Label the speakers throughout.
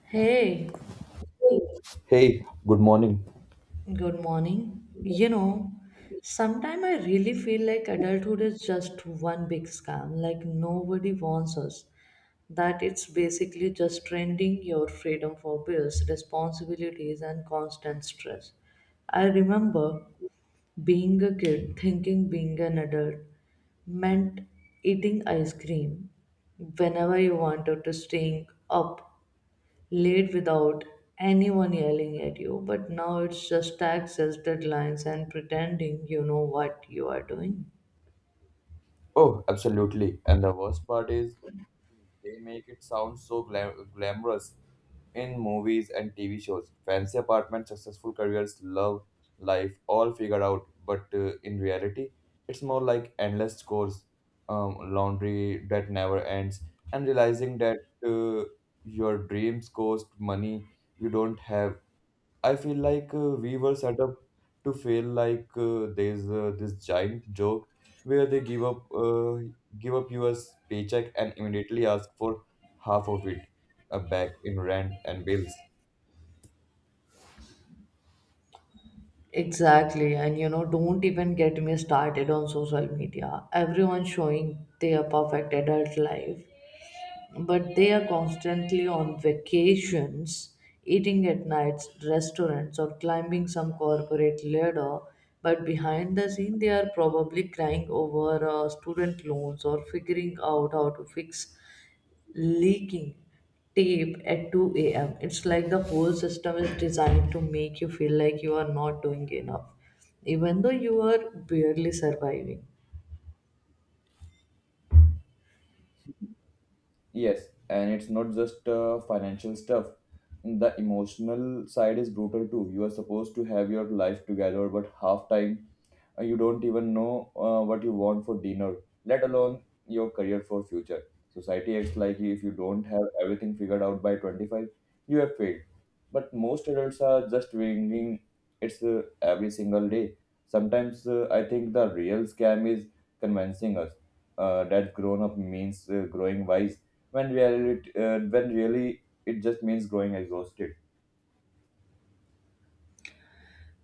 Speaker 1: Hey,
Speaker 2: Hey, good morning.
Speaker 1: good morning. You know, sometimes I really feel like adulthood is just one big scam, like nobody warns us that it's basically just trending your freedom for bills, responsibilities, and constant stress. I remember being a kid thinking being an adult meant eating ice cream whenever you wanted to staying up late without anyone yelling at you, but now it's just taxes, deadlines, and pretending you know what you are doing.
Speaker 2: Oh, absolutely. And the worst part is they make it sound so glamorous in movies and TV shows. Fancy apartments, successful careers, love, life, all figured out. But in reality, it's more like endless chores, laundry that never ends, and realizing that uh, your dreams cost money you don't have. I feel like we were set up to feel like there's this giant joke where they give up your paycheck and immediately ask for half of it back in rent and bills.
Speaker 1: Exactly, and you know, don't even get me started on social media. Everyone showing their perfect adult life, but they are constantly on vacations, eating at nights, restaurants, or climbing some corporate ladder. But behind the scene, they are probably crying over student loans or figuring out how to fix leaking tape at 2 a.m. It's like the whole system is designed to make you feel like you are not doing enough, even though you are barely surviving.
Speaker 2: Yes, and it's not just financial stuff. The emotional side is brutal too. You are supposed to have your life together, but half time you don't even know what you want for dinner, let alone your career for future. Society acts like if you don't have everything figured out by 25, you have failed, but most adults are just winging it's every single day. Sometimes I think the real scam is convincing us that grown up means growing wise when reality when really it just means growing exhausted.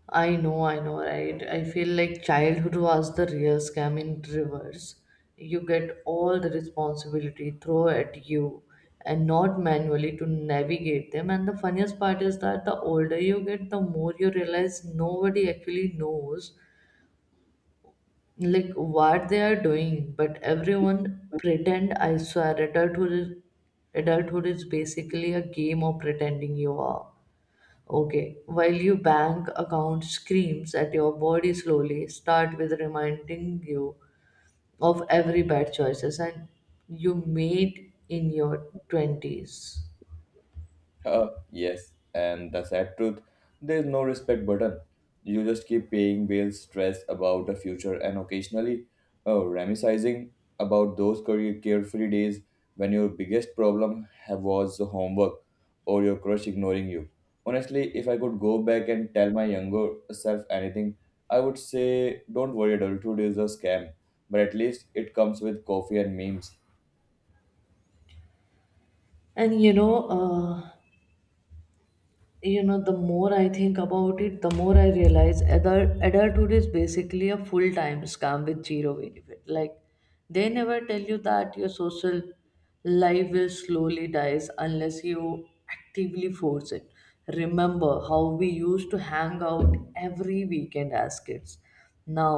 Speaker 1: I know, right? I feel like childhood was the real scam in reverse. You get all the responsibility thrown at you and not manually to navigate them. And the funniest part is that the older you get, the more you realize nobody actually knows like what they are doing, but everyone pretend. I swear adulthood is basically a game of pretending you are okay while your bank account screams at your body slowly start with reminding you of every bad choices and you made in your 20s.
Speaker 2: Yes, and the sad truth, there's no respect button. You just keep paying bills, stressed about the future, and occasionally reminiscing about those career carefree days when your biggest problem have was the homework or your crush ignoring you. Honestly, if I could go back and tell my younger self anything, I would say, don't worry, adulthood is a scam, but at least it comes with coffee and memes.
Speaker 1: And you know, the more I think about it, the more I realize adulthood is basically a full-time scam with zero benefit. Like they never tell you that your social life will slowly dies unless you actively force it. Remember how we used to hang out every weekend as kids? Now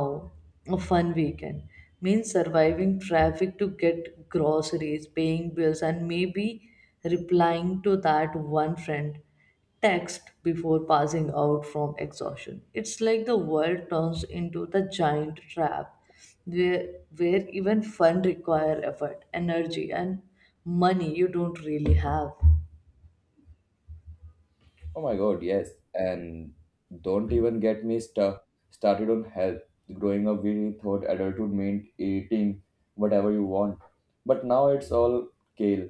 Speaker 1: a fun weekend means surviving traffic to get groceries, paying bills, and maybe replying to that one friend text before passing out from exhaustion. It's like the world turns into the giant trap where even fun require effort, energy, and money you don't really have.
Speaker 2: Oh my God, yes. And don't even get me started on health. Growing up, we thought adulthood meant eating whatever you want. But now it's all kale,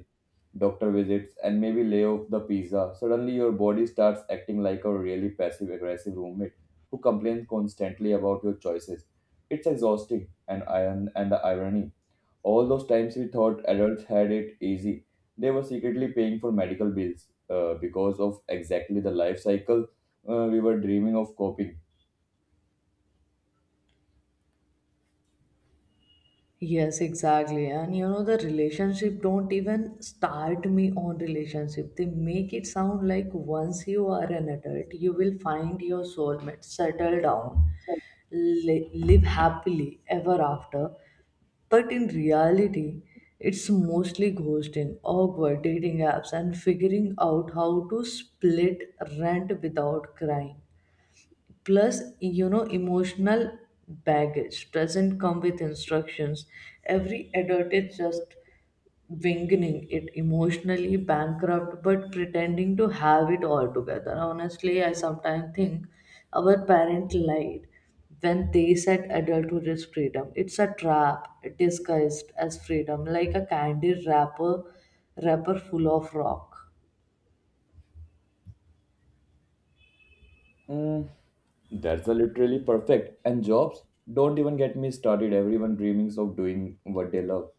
Speaker 2: doctor visits, and maybe lay off the pizza. Suddenly, your body starts acting like a really passive aggressive roommate who complains constantly about your choices. It's exhausting, and iron and the irony, all those times we thought adults had it easy, they were secretly paying for medical bills because of exactly the life cycle we were dreaming of coping.
Speaker 1: Yes, exactly. And you know, the relationship, don't even start me on relationship. They make it sound like once you are an adult, you will find your soulmate, settle down, live happily ever after. But in reality, it's mostly ghosting, awkward dating apps, and figuring out how to split rent without crying. Plus, you know, emotional baggage doesn't come with instructions. Every adult is just winging it, emotionally bankrupt, but pretending to have it all together. Honestly, I sometimes think our parents lied when they said adulthood is freedom. It's a trap disguised as freedom, like a candy wrapper full of rock.
Speaker 2: Mm, that's a literally perfect. And jobs, don't even get me started. Everyone dreams of doing what they love.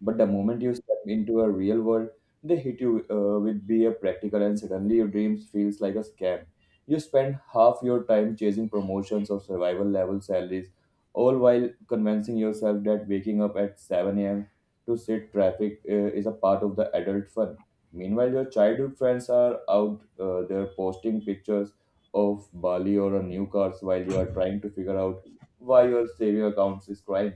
Speaker 2: But the moment you step into a real world, they hit you with be a practical, and suddenly your dreams feels like a scam. You spend half your time chasing promotions or survival level salaries, all while convincing yourself that waking up at 7 a.m. to sit traffic is a part of the adult fun. Meanwhile, your childhood friends are out there posting pictures of Bali or a new cars while you are trying to figure out why your saving accounts is crying.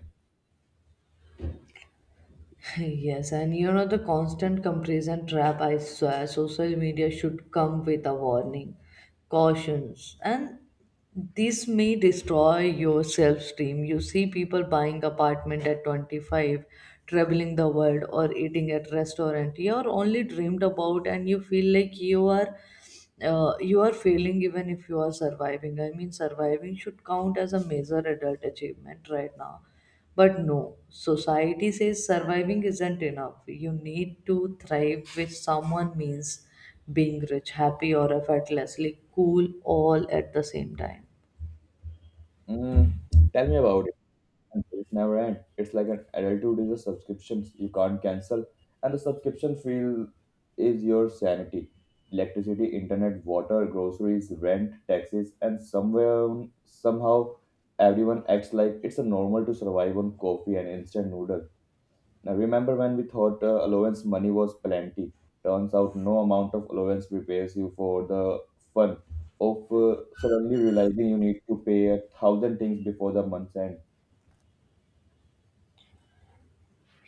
Speaker 1: Yes, and you know the constant comparison trap, I swear, social media should come with a warning, cautions, and this may destroy your self-esteem. You see people buying apartment at 25, traveling the world, or eating at restaurant you are only dreamed about, and you feel like you are failing even if you are surviving. I mean, surviving should count as a major adult achievement right now. But no, society says surviving isn't enough. You need to thrive, which someone means being rich, happy, or effortlessly cool all at the same time.
Speaker 2: Mm, tell me about it. And it's never end. It's like an adulthood is a subscriptions you can't cancel, and the subscription feel is your sanity. Electricity, internet, water, groceries, rent, taxes, and somewhere somehow everyone acts like it's a normal to survive on coffee and instant noodle. Now, remember when we thought allowance money was plenty? Turns out no amount of allowance prepares you for the fun of suddenly realizing you need to pay a thousand things before the month's end.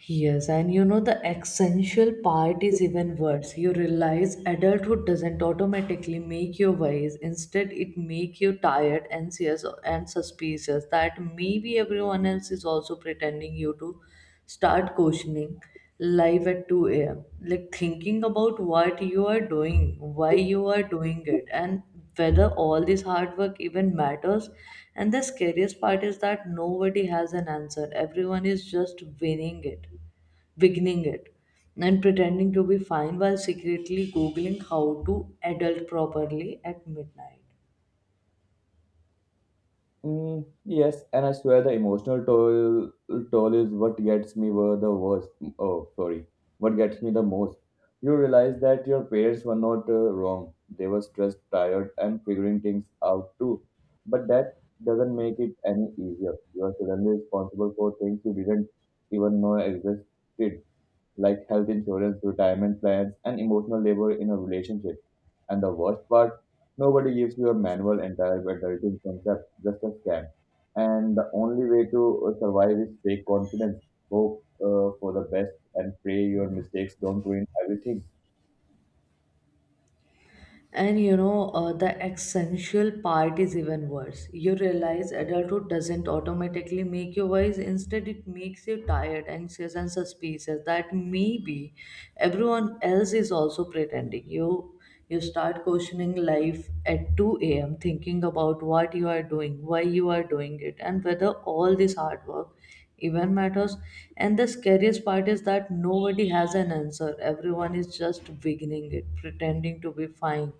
Speaker 1: Yes, and you know the essential part is even worse. You realize adulthood doesn't automatically make you wise. Instead, it makes you tired, anxious, and suspicious that maybe everyone else is also pretending you to start questioning live at 2 a.m. Like thinking about what you are doing, why you are doing it, and whether all this hard work even matters. And the scariest part is that nobody has an answer. Everyone is just winning it, beginning it, and pretending to be fine while secretly googling how to adult properly at midnight.
Speaker 2: Mm, yes, and I swear the emotional toll is what gets me were the worst. Oh, sorry, what gets me the most. You realize that your parents were not wrong; they were stressed, tired, and figuring things out too. But that doesn't make it any easier. You are suddenly responsible for things you didn't even know existed, like health insurance, retirement plans, and emotional labor in a relationship. And the worst part, nobody gives you a manual entire adulting concept, just a scam. And the only way to survive is fake confidence, hope for the best, and pray your mistakes don't ruin everything.
Speaker 1: And you know, the essential part is even worse. You realize adulthood doesn't automatically make you wise. Instead, it makes you tired, anxious, and suspicious that maybe everyone else is also pretending. You start questioning life at 2 a.m., thinking about what you are doing, why you are doing it, and whether all this hard work even matters. And the scariest part is that nobody has an answer. Everyone is just beginning it, pretending to be fine,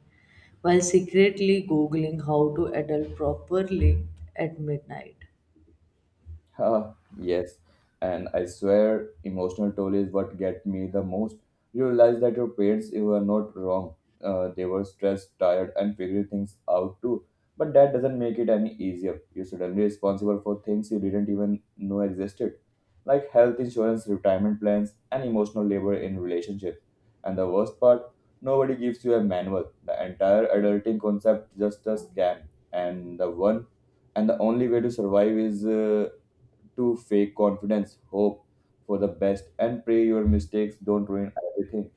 Speaker 1: while secretly googling how to adult properly at midnight.
Speaker 2: Huh, yes, and I swear emotional toll is what get me the most. You realize that your parents you were not wrong. They were stressed, tired, and figuring things out too. But that doesn't make it any easier. You're suddenly responsible for things you didn't even know existed, like health insurance, retirement plans, and emotional labor in relationships. And the worst part, nobody gives you a manual. The entire adulting concept just a scam, and the one and the only way to survive is. To fake confidence, hope for the best, and pray your mistakes don't ruin everything.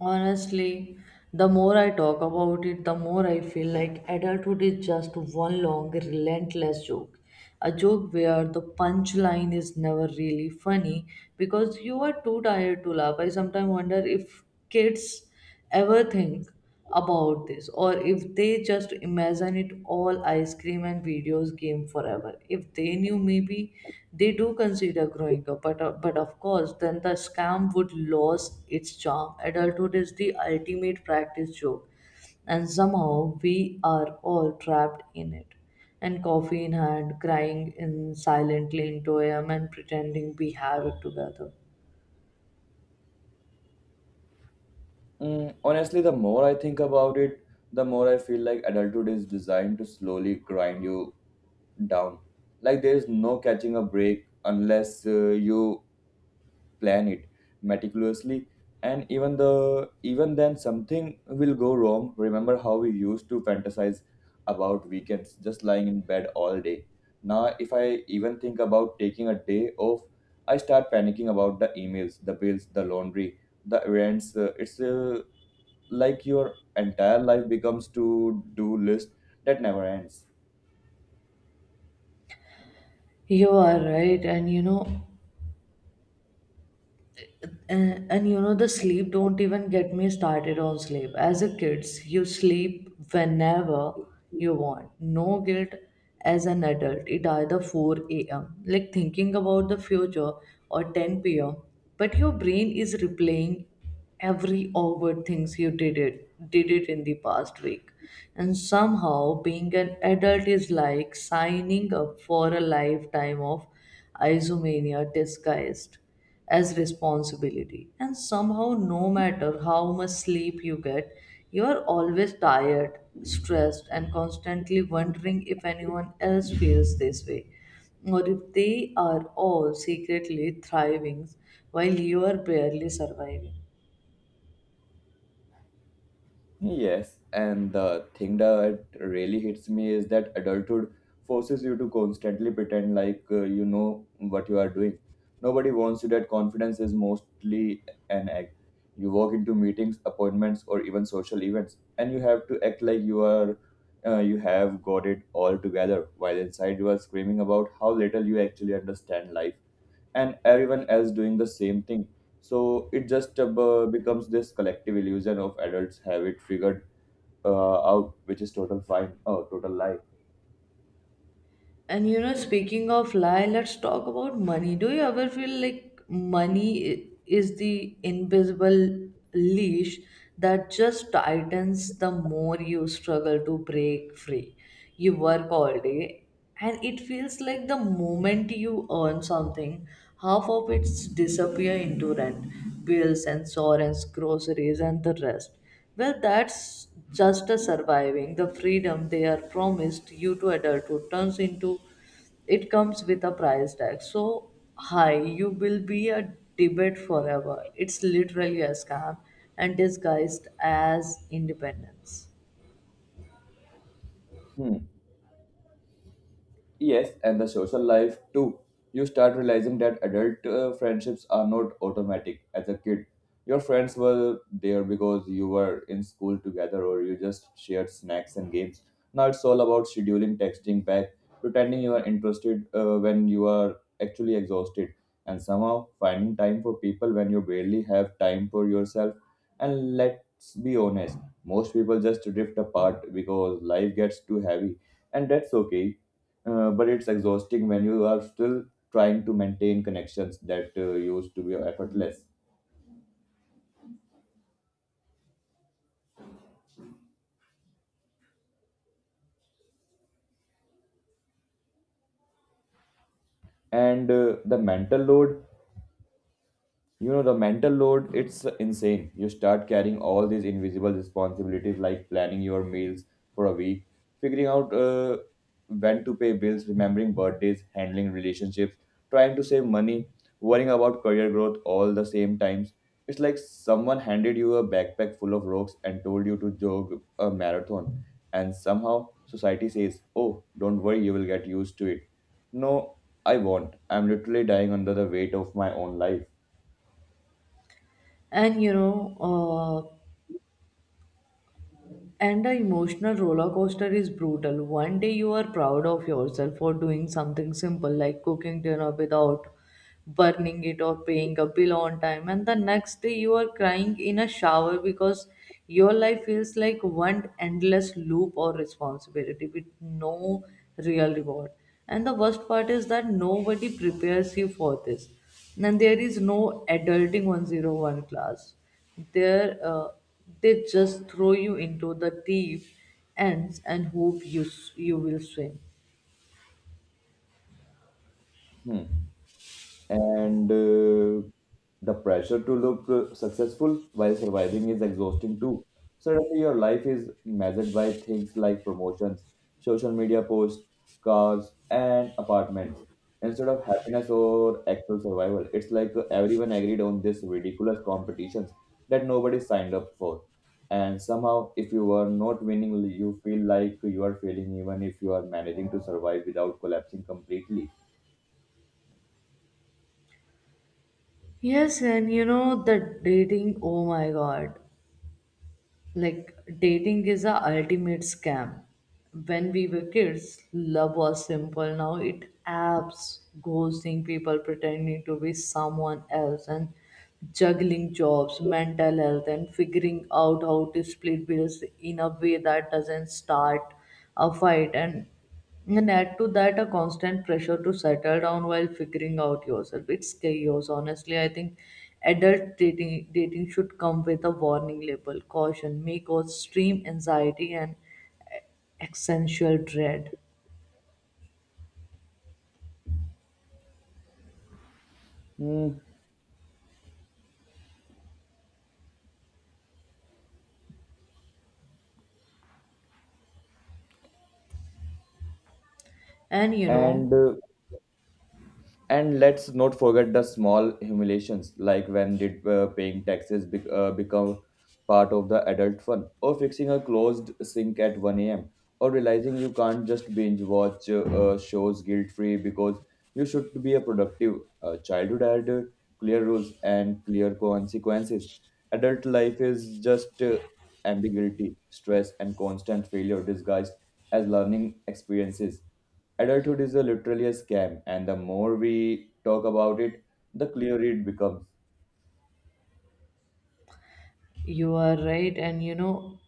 Speaker 1: Honestly, the more I talk about it, the more I feel like adulthood is just one long, relentless joke. A joke where the punchline is never really funny because you are too tired to laugh. I sometimes wonder if kids ever think about this, or if they just imagine it all ice cream and videos game forever. If they knew, maybe they do consider growing up, but of course then the scam would lose its charm. Adulthood is the ultimate practice joke, and somehow we are all trapped in it, and coffee in hand, crying in silently into a, and pretending we have it together.
Speaker 2: Mm, honestly, the more I think about it, the more I feel like adulthood is designed to slowly grind you down. Like there is no catching a break unless you plan it meticulously, and even then something will go wrong. Remember how we used to fantasize about weekends just lying in bed all day. Now if I even think about taking a day off, I start panicking about the emails, the bills, the laundry, the errands. It's like your entire life becomes to do list that never ends.
Speaker 1: You are right, and you know, Uh, and you know, the sleep, don't even get me started on sleep. As a kids, you sleep whenever you want, no guilt. As an adult, it either 4 a.m. like thinking about the future, or 10 p.m. but your brain is replaying every awkward things you did it in the past week. And somehow being an adult is like signing up for a lifetime of isomania disguised as responsibility. And somehow, no matter how much sleep you get, you are always tired, stressed, and constantly wondering if anyone else feels this way, or if they are all secretly thriving while you are barely surviving.
Speaker 2: Yes, and the thing that really hits me is that adulthood forces you to constantly pretend like you know what you are doing. Nobody wants you that confidence is mostly an act. You walk into meetings, appointments, or even social events, and you have to act like you have got it all together, while inside you are screaming about how little you actually understand life, and everyone else doing the same thing. So it just becomes this collective illusion of adults have it figured out, which is total lie.
Speaker 1: And you know, speaking of lie, let's talk about money. Do you ever feel like money is the invisible leash that just tightens the more you struggle to break free? You work all day, and it feels like the moment you earn something, half of it disappear into rent, bills, insurance, groceries, and the rest. Well, that's just a surviving. The freedom they are promised you to adulthood turns into, it comes with a price tag so high, you will be a debate forever. It's literally a scam and disguised as independence.
Speaker 2: Hmm. Yes, and the social life too. You start realizing that adult friendships are not automatic. As a kid, your friends were there because you were in school together or you just shared snacks and games. Now it's all about scheduling, texting back, pretending you are interested when you are actually exhausted, and somehow finding time for people when you barely have time for yourself. And let's be honest, most people just drift apart because life gets too heavy, and that's okay. But it's exhausting when you are still trying to maintain connections that used to be effortless. And the mental load You know, the mental load, it's insane. You start carrying all these invisible responsibilities like planning your meals for a week, figuring out when to pay bills, remembering birthdays, handling relationships, trying to save money, worrying about career growth all the same times. It's like someone handed you a backpack full of rocks and told you to jog a marathon. And somehow society says, oh, don't worry, you will get used to it. No, I won't. I'm literally dying under the weight of my own life.
Speaker 1: And you know, and the emotional roller coaster is brutal. One day you are proud of yourself for doing something simple like cooking dinner without burning it or paying a bill on time, and the next day you are crying in a shower because your life feels like one endless loop or responsibility with no real reward. And the worst part is that nobody prepares you for this. And there is no adulting 101 class there. They just throw you into the deep ends and hope you will swim.
Speaker 2: Hmm. and The pressure to look successful while surviving is exhausting too. Suddenly, your life is measured by things like promotions, social media posts, cars, and apartments instead of happiness or actual survival. It's like everyone agreed on this ridiculous competitions that nobody signed up for. And somehow, if you are not winning, you feel like you are failing, even if you are managing to survive without collapsing completely.
Speaker 1: Yes, and you know the dating, oh my god. Like dating is a ultimate scam. When we were kids, love was simple. Now it apps, ghosting people, pretending to be someone else, and juggling jobs, mental health, and figuring out how to split bills in a way that doesn't start a fight. And add to that a constant pressure to settle down while figuring out yourself. It's chaos. Honestly, I think adult dating should come with a warning label, caution, may cause extreme anxiety and existential dread.
Speaker 2: Hmm.
Speaker 1: And you
Speaker 2: And
Speaker 1: know,
Speaker 2: uh, And let's not forget the small humiliations, like when did paying taxes become part of the adult fun, or fixing a closed sink at 1 a.m., or realizing you can't just binge watch shows guilt-free because you should be a productive. Childhood had clear rules and clear consequences. Adult life is just ambiguity, stress, and constant failure disguised as learning experiences. Adulthood is a, literally a scam, and the more we talk about it, the clearer it becomes.
Speaker 1: you are right. And you know,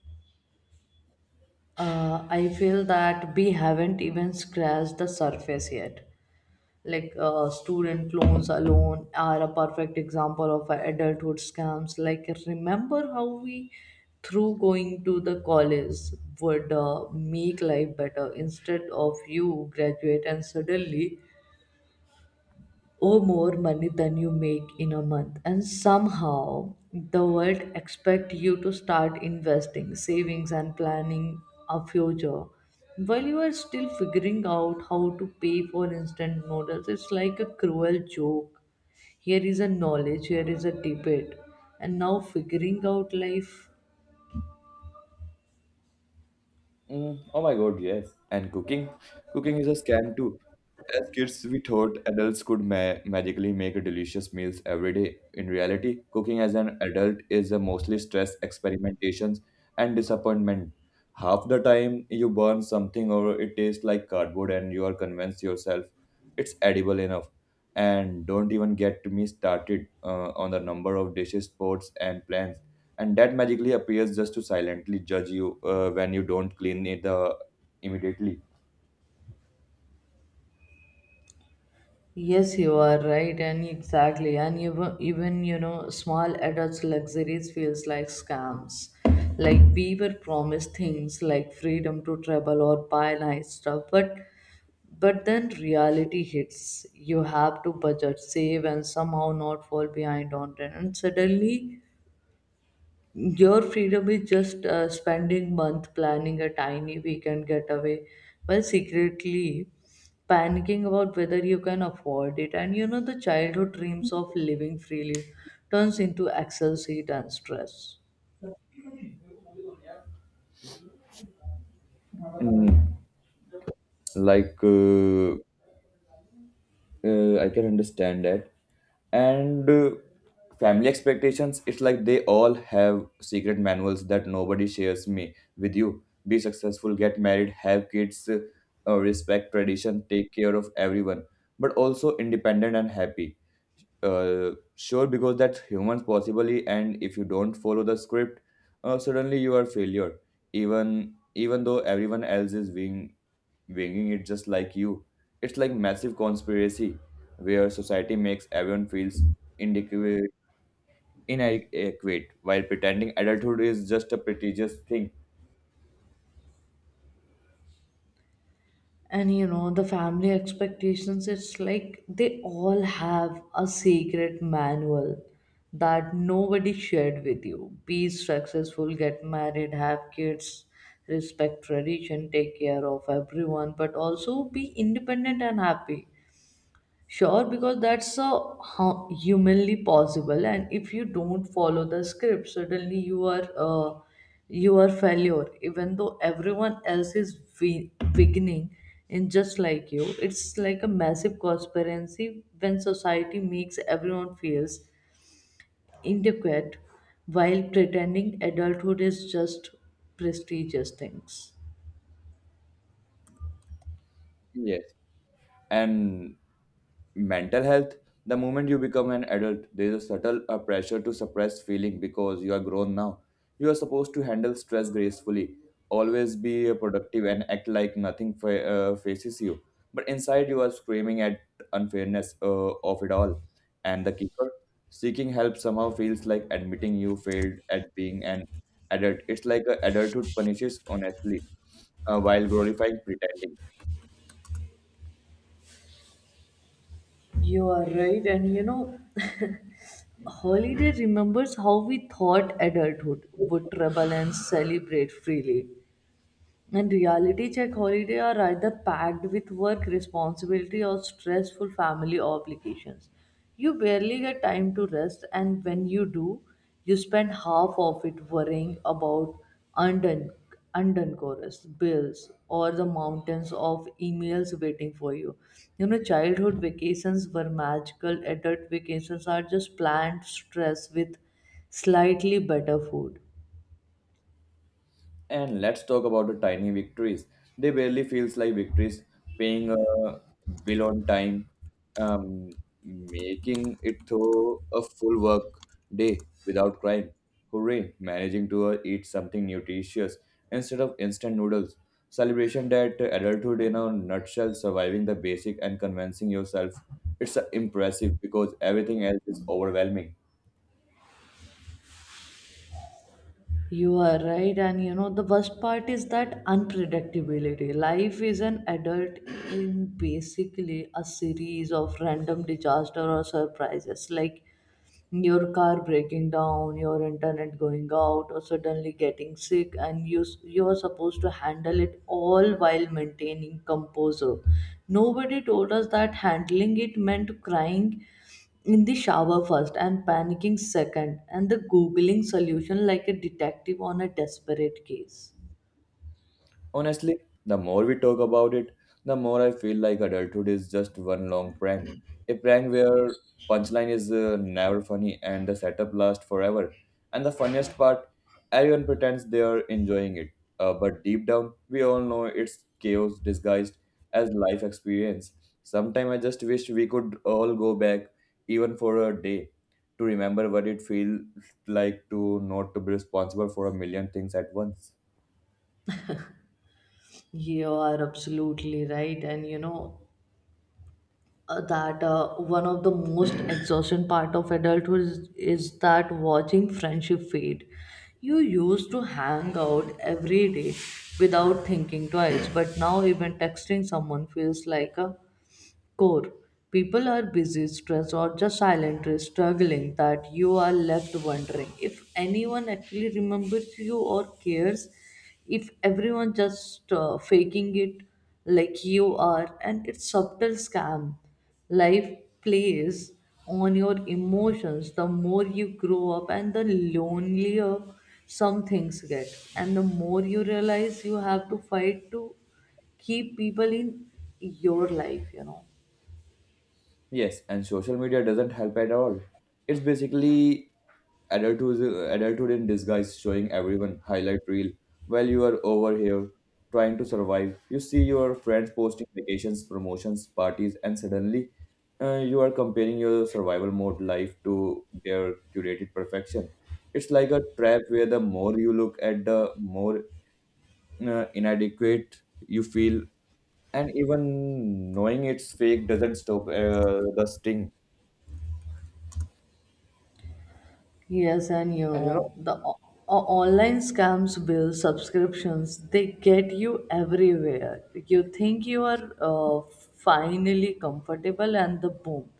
Speaker 1: I feel that we haven't even scratched the surface yet. Like student loans alone are a perfect example of adulthood scams. Like remember how we through going to the college would make life better? Instead, of you graduate and suddenly owe more money than you make in a month, and somehow the world expect you to start investing, savings, and planning a future while you are still figuring out how to pay for instant noodles. It's like a cruel joke. Here is a knowledge, here is a debate, and now figuring out life.
Speaker 2: Mm, oh my God, yes. And cooking? Cooking is a scam too. As kids, we thought adults could magically make delicious meals every day. In reality, cooking as an adult is a mostly stress, experimentations, and disappointment. Half the time, you burn something or it tastes like cardboard, and you are convinced yourself it's edible enough. And don't even get me started on the number of dishes, pots, and plans and that magically appears just to silently judge you when you don't clean it immediately.
Speaker 1: Yes, you are right, and exactly, and even you know, small adults' luxuries feels like scams. Like we were promised things like freedom to travel or buy nice stuff, but then reality hits. You have to budget, save, and somehow not fall behind on rent. And suddenly, your freedom is just spending month planning a tiny weekend getaway while secretly panicking about whether you can afford it. And you know, the childhood dreams of living freely turns into Excel sheet and stress.
Speaker 2: Mm, like I can understand that, and family expectations, it's like they all have secret manuals that nobody shares me with you. Be successful, get married, have kids, respect tradition, take care of everyone, but also independent and happy. Sure, because that's humans possibly, and if you don't follow the script, suddenly you are failure, even though everyone else is winging it just like you. It's like massive conspiracy where society makes everyone feels inadequate, inadequate while pretending adulthood is just a prestigious thing.
Speaker 1: And you know, the family expectations, it's like they all have a secret manual that nobody shared with you. Be successful, get married, have kids, respect tradition, take care of everyone, but also be independent and happy. Sure, because that's so humanly possible. And if you don't follow the script, suddenly you are failure. Even though everyone else is beginning in just like you, it's like a massive conspiracy when society makes everyone feels inadequate while pretending adulthood is just prestigious things.
Speaker 2: Yes, and mental health. The moment you become an adult, there is a subtle pressure to suppress feeling because you are grown now. You are supposed to handle stress gracefully, always be productive, and act like nothing faces you, but inside you are screaming at unfairness of it all. And the kicker, seeking help somehow feels like admitting you failed at being an adult. It's like adulthood punishes honestly while glorifying pretending.
Speaker 1: You are right, and you know, holiday remembers how we thought adulthood would travel and celebrate freely. And reality check holiday are either packed with work responsibility or stressful family obligations. You barely get time to rest, and when you do, you spend half of it worrying about undone, undone chorus, bills, or the mountains of emails waiting for you. You know, childhood vacations were magical, adult vacations are just planned stress with slightly better food.
Speaker 2: And let's talk about the tiny victories. They barely feels like victories. Paying a bill on time, um, making it through a full work day without crying. Hooray! Managing to eat something nutritious instead of instant noodles. Celebration that adulthood in a nutshell, surviving the basic and convincing yourself. It's impressive because everything else is overwhelming.
Speaker 1: You are right, and you know, the worst part is that unpredictability. Life is an adult in basically a series of random disaster or surprises. Like, your car breaking down, your internet going out, or suddenly getting sick, and you are supposed to handle it all while maintaining composure. Nobody told us that handling it meant crying in the shower first and panicking second, and the googling solution like a detective on a desperate case.
Speaker 2: Honestly, the more we talk about it, the more I feel like adulthood is just one long prank. A prank where punchline is never funny and the setup lasts forever. And the funniest part, everyone pretends they are enjoying it. But deep down, we all know it's chaos disguised as life experience. Sometimes I just wish we could all go back, even for a day, to remember what it feels like to not to be responsible for a million things at once.
Speaker 1: You are absolutely right, and you know that one of the most exhausting part of adulthood is that watching friendship fade you used to hang out every day without thinking twice, but now even texting someone feels like a core. People are busy, stressed, or just silently struggling that you are left wondering if anyone actually remembers you or cares, if everyone just faking it like you are, and it's subtle scam. Life plays on your emotions the more you grow up, and the lonelier some things get, and the more you realize you have to fight to keep people in your life, you know.
Speaker 2: Yes, and social media doesn't help at all. It's basically adulthood, adulthood in disguise, showing everyone highlight reel while you are over here trying to survive. You see your friends posting vacations, promotions, parties, and suddenly you are comparing your survival mode life to their curated perfection. It's like a trap where the more you look at, the more inadequate you feel, and even knowing it's fake doesn't stop the sting.
Speaker 1: Yes, and you
Speaker 2: And you know.
Speaker 1: know, the online scams bill subscriptions, they get you everywhere. You think you are finally comfortable, and the boom,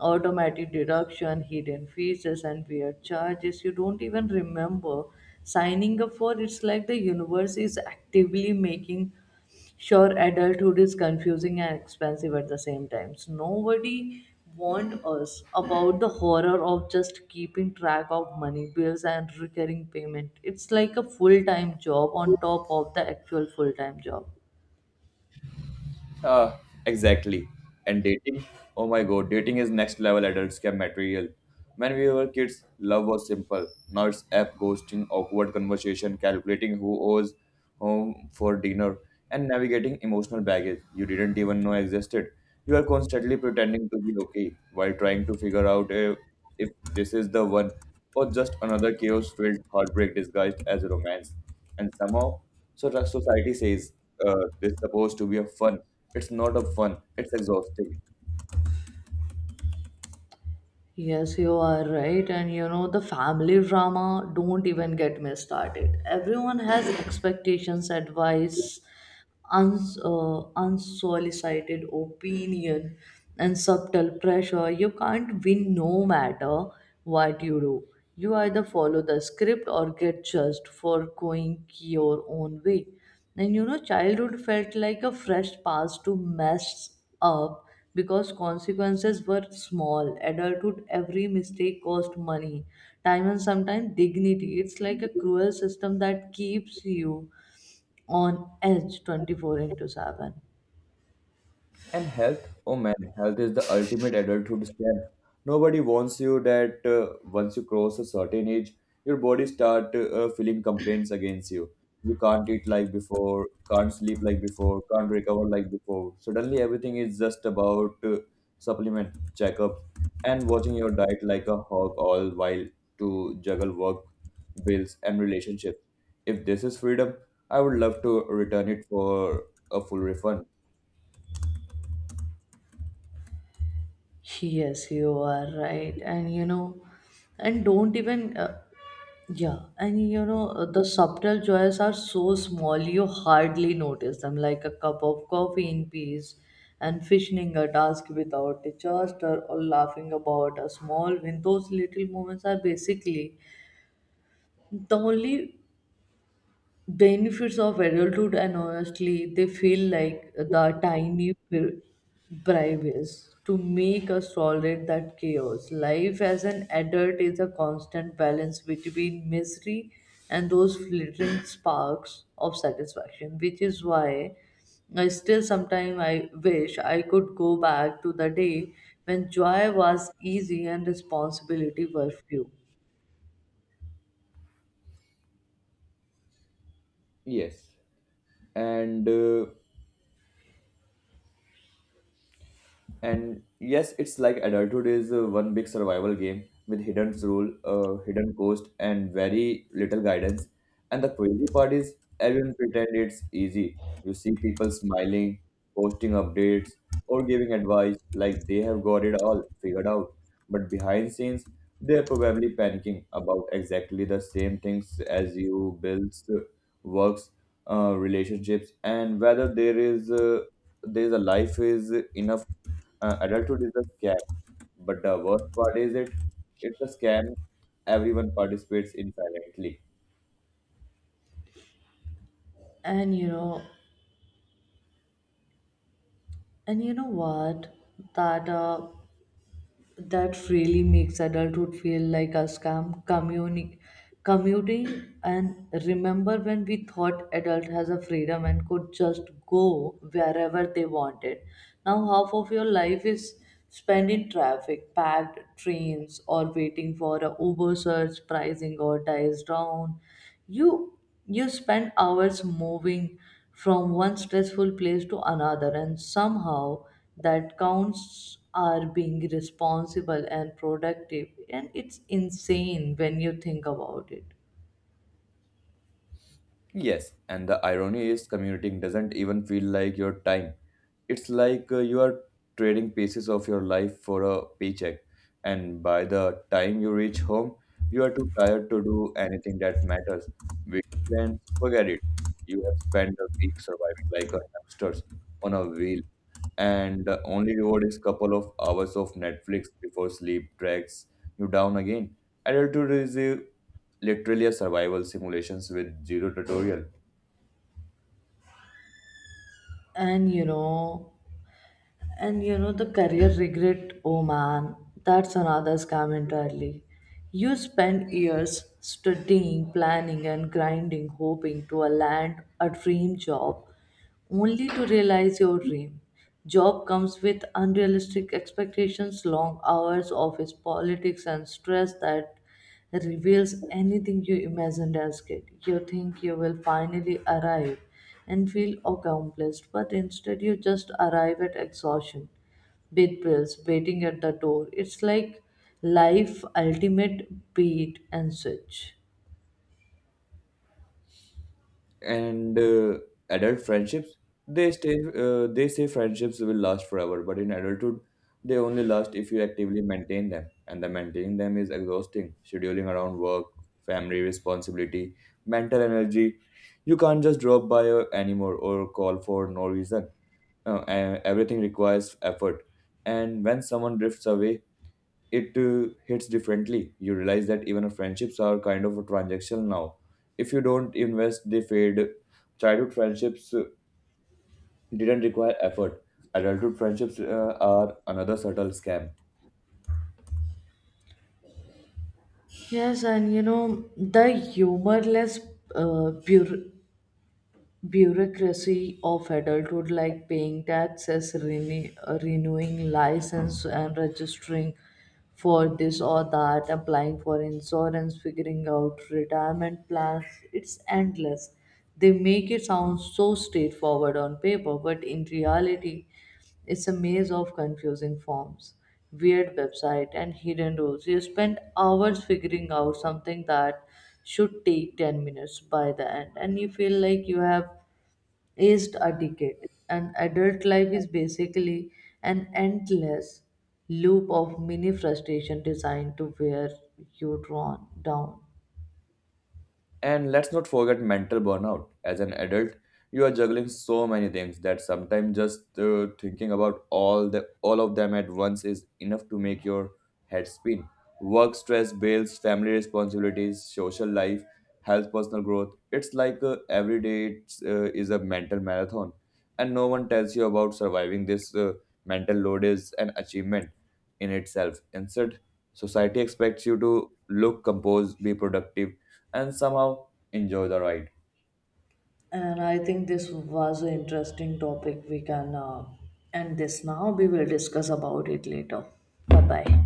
Speaker 1: automatic deduction, hidden features, and weird charges you don't even remember signing up for. It's like the universe is actively making sure adulthood is confusing and expensive at the same time. So nobody warned us about the horror of just keeping track of money, bills, and recurring payment. It's like a full time job on top of the actual full time job.
Speaker 2: Uh, exactly. And dating? Oh my God, dating is next level adult scam material. When we were kids, love was simple. Now it's app ghosting, awkward conversation, calculating who owes whom for dinner, and navigating emotional baggage you didn't even know existed. You are constantly pretending to be okay while trying to figure out if this is the one or just another chaos filled heartbreak disguised as romance. And somehow so the society says this is supposed to be a fun. It's not a fun. It's exhausting.
Speaker 1: Yes, you are right. And you know, the family drama, don't even get me started. Everyone has expectations, advice, unsolicited opinion and subtle pressure. You can't win no matter what you do. You either follow the script or get judged for going your own way. And you know, childhood felt like a fresh pass to mess up because consequences were small. Adulthood, every mistake cost money, time, and sometimes dignity. It's like a cruel system that keeps you on edge 24 into 7.
Speaker 2: And health, oh man, health is the ultimate adulthood scam. Nobody warns you that once you cross a certain age, your body start feeling complaints against you. You can't eat like before, can't sleep like before, can't recover like before. Suddenly, everything is just about supplement checkups and watching your diet like a hog, all while to juggle work, bills, and relationships. If this is freedom, I would love to return it for a full refund.
Speaker 1: Yes, you are right, and you know, and don't even yeah and you know, the subtle joys are so small you hardly notice them, like a cup of coffee in peace and finishing a task without disaster or laughing about a small win. Those little moments are basically the only benefits of adulthood, and honestly they feel like the tiny bribes to make us tolerate that chaos. Life as an adult is a constant balance between misery and those flittering sparks of satisfaction, which is why I still sometimes I wish I could go back to the day when joy was easy and responsibility were few.
Speaker 2: Yes. and uh, And yes, it's like adulthood is one big survival game with hidden hidden cost, and very little guidance. And the crazy part is, everyone pretend it's easy. You see people smiling, posting updates, or giving advice like they have got it all figured out. But behind scenes, they're probably panicking about exactly the same things as you works, relationships, and whether there is there's a life is enough. Adulthood is a scam, but the worst part is it's a scam everyone participates in silently.
Speaker 1: and you know and you know what, that uh, that really makes adulthood feel like a scam, commuting. And remember when we thought adult has a freedom and could just go wherever they wanted? Now half of your life is spent in traffic, packed trains, or waiting for a uber surge pricing or dies down. You you spend hours moving from one stressful place to another, and somehow that counts are being responsible and productive. And it's insane when you think about it.
Speaker 2: Yes, and the irony is commuting doesn't even feel like your time. It's like you are trading pieces of your life for a paycheck, and by the time you reach home, you are too tired to do anything that matters. Big plans, forget it. You have spent a week surviving like a hamsters on a wheel, and the only reward is couple of hours of Netflix before sleep drags you down again. Adulthood is a, literally a survival simulations with zero tutorial.
Speaker 1: And you know, And you know, the career regret, oh man, that's another scam entirely. You spend years studying, planning, and grinding, hoping to land a dream job, only to realize your dream. Job comes with unrealistic expectations, long hours, office politics, and stress that reveals anything you imagined as kid. You think you will finally arrive and feel accomplished, but instead you just arrive at exhaustion, with bills waiting at the door. It's like life ultimate beat and switch.
Speaker 2: And Adult friendships, they stay they say friendships will last forever, but in adulthood they only last if you actively maintain them, and the maintaining them is exhausting. Scheduling around work, family responsibility, mental energy, you can't just drop by anymore or call for no reason. Everything requires effort, and when someone drifts away, it hits differently. You realize that even our friendships are kind of a transactional now. If you don't invest, they fade. Childhood friendships didn't require effort. Adulthood friendships are another subtle scam.
Speaker 1: Yes, and you know, the humorless pure bureaucracy of adulthood, like paying taxes, renewing license, and registering for this or that, applying for insurance, figuring out retirement plans. It's endless. They make it sound so straightforward on paper, but in reality it's a maze of confusing forms, weird website, and hidden rules. You spend hours figuring out something that should take 10 minutes by the end, and you feel like you have aced a ticket. And adult life is basically an endless loop of mini frustration designed to wear you drawn down.
Speaker 2: And let's not forget mental burnout. As an adult, you are juggling so many things that sometimes just thinking about all the all of them at once is enough to make your head spin. Work stress, bills, family responsibilities, social life, health, personal growth. It's like every day is a mental marathon, and no one tells you about surviving this mental load is an achievement in itself. Instead, society expects you to look composed, be productive, and somehow enjoy the ride.
Speaker 1: And I think this was an interesting topic. We can end this now. We will discuss about it later. Bye bye.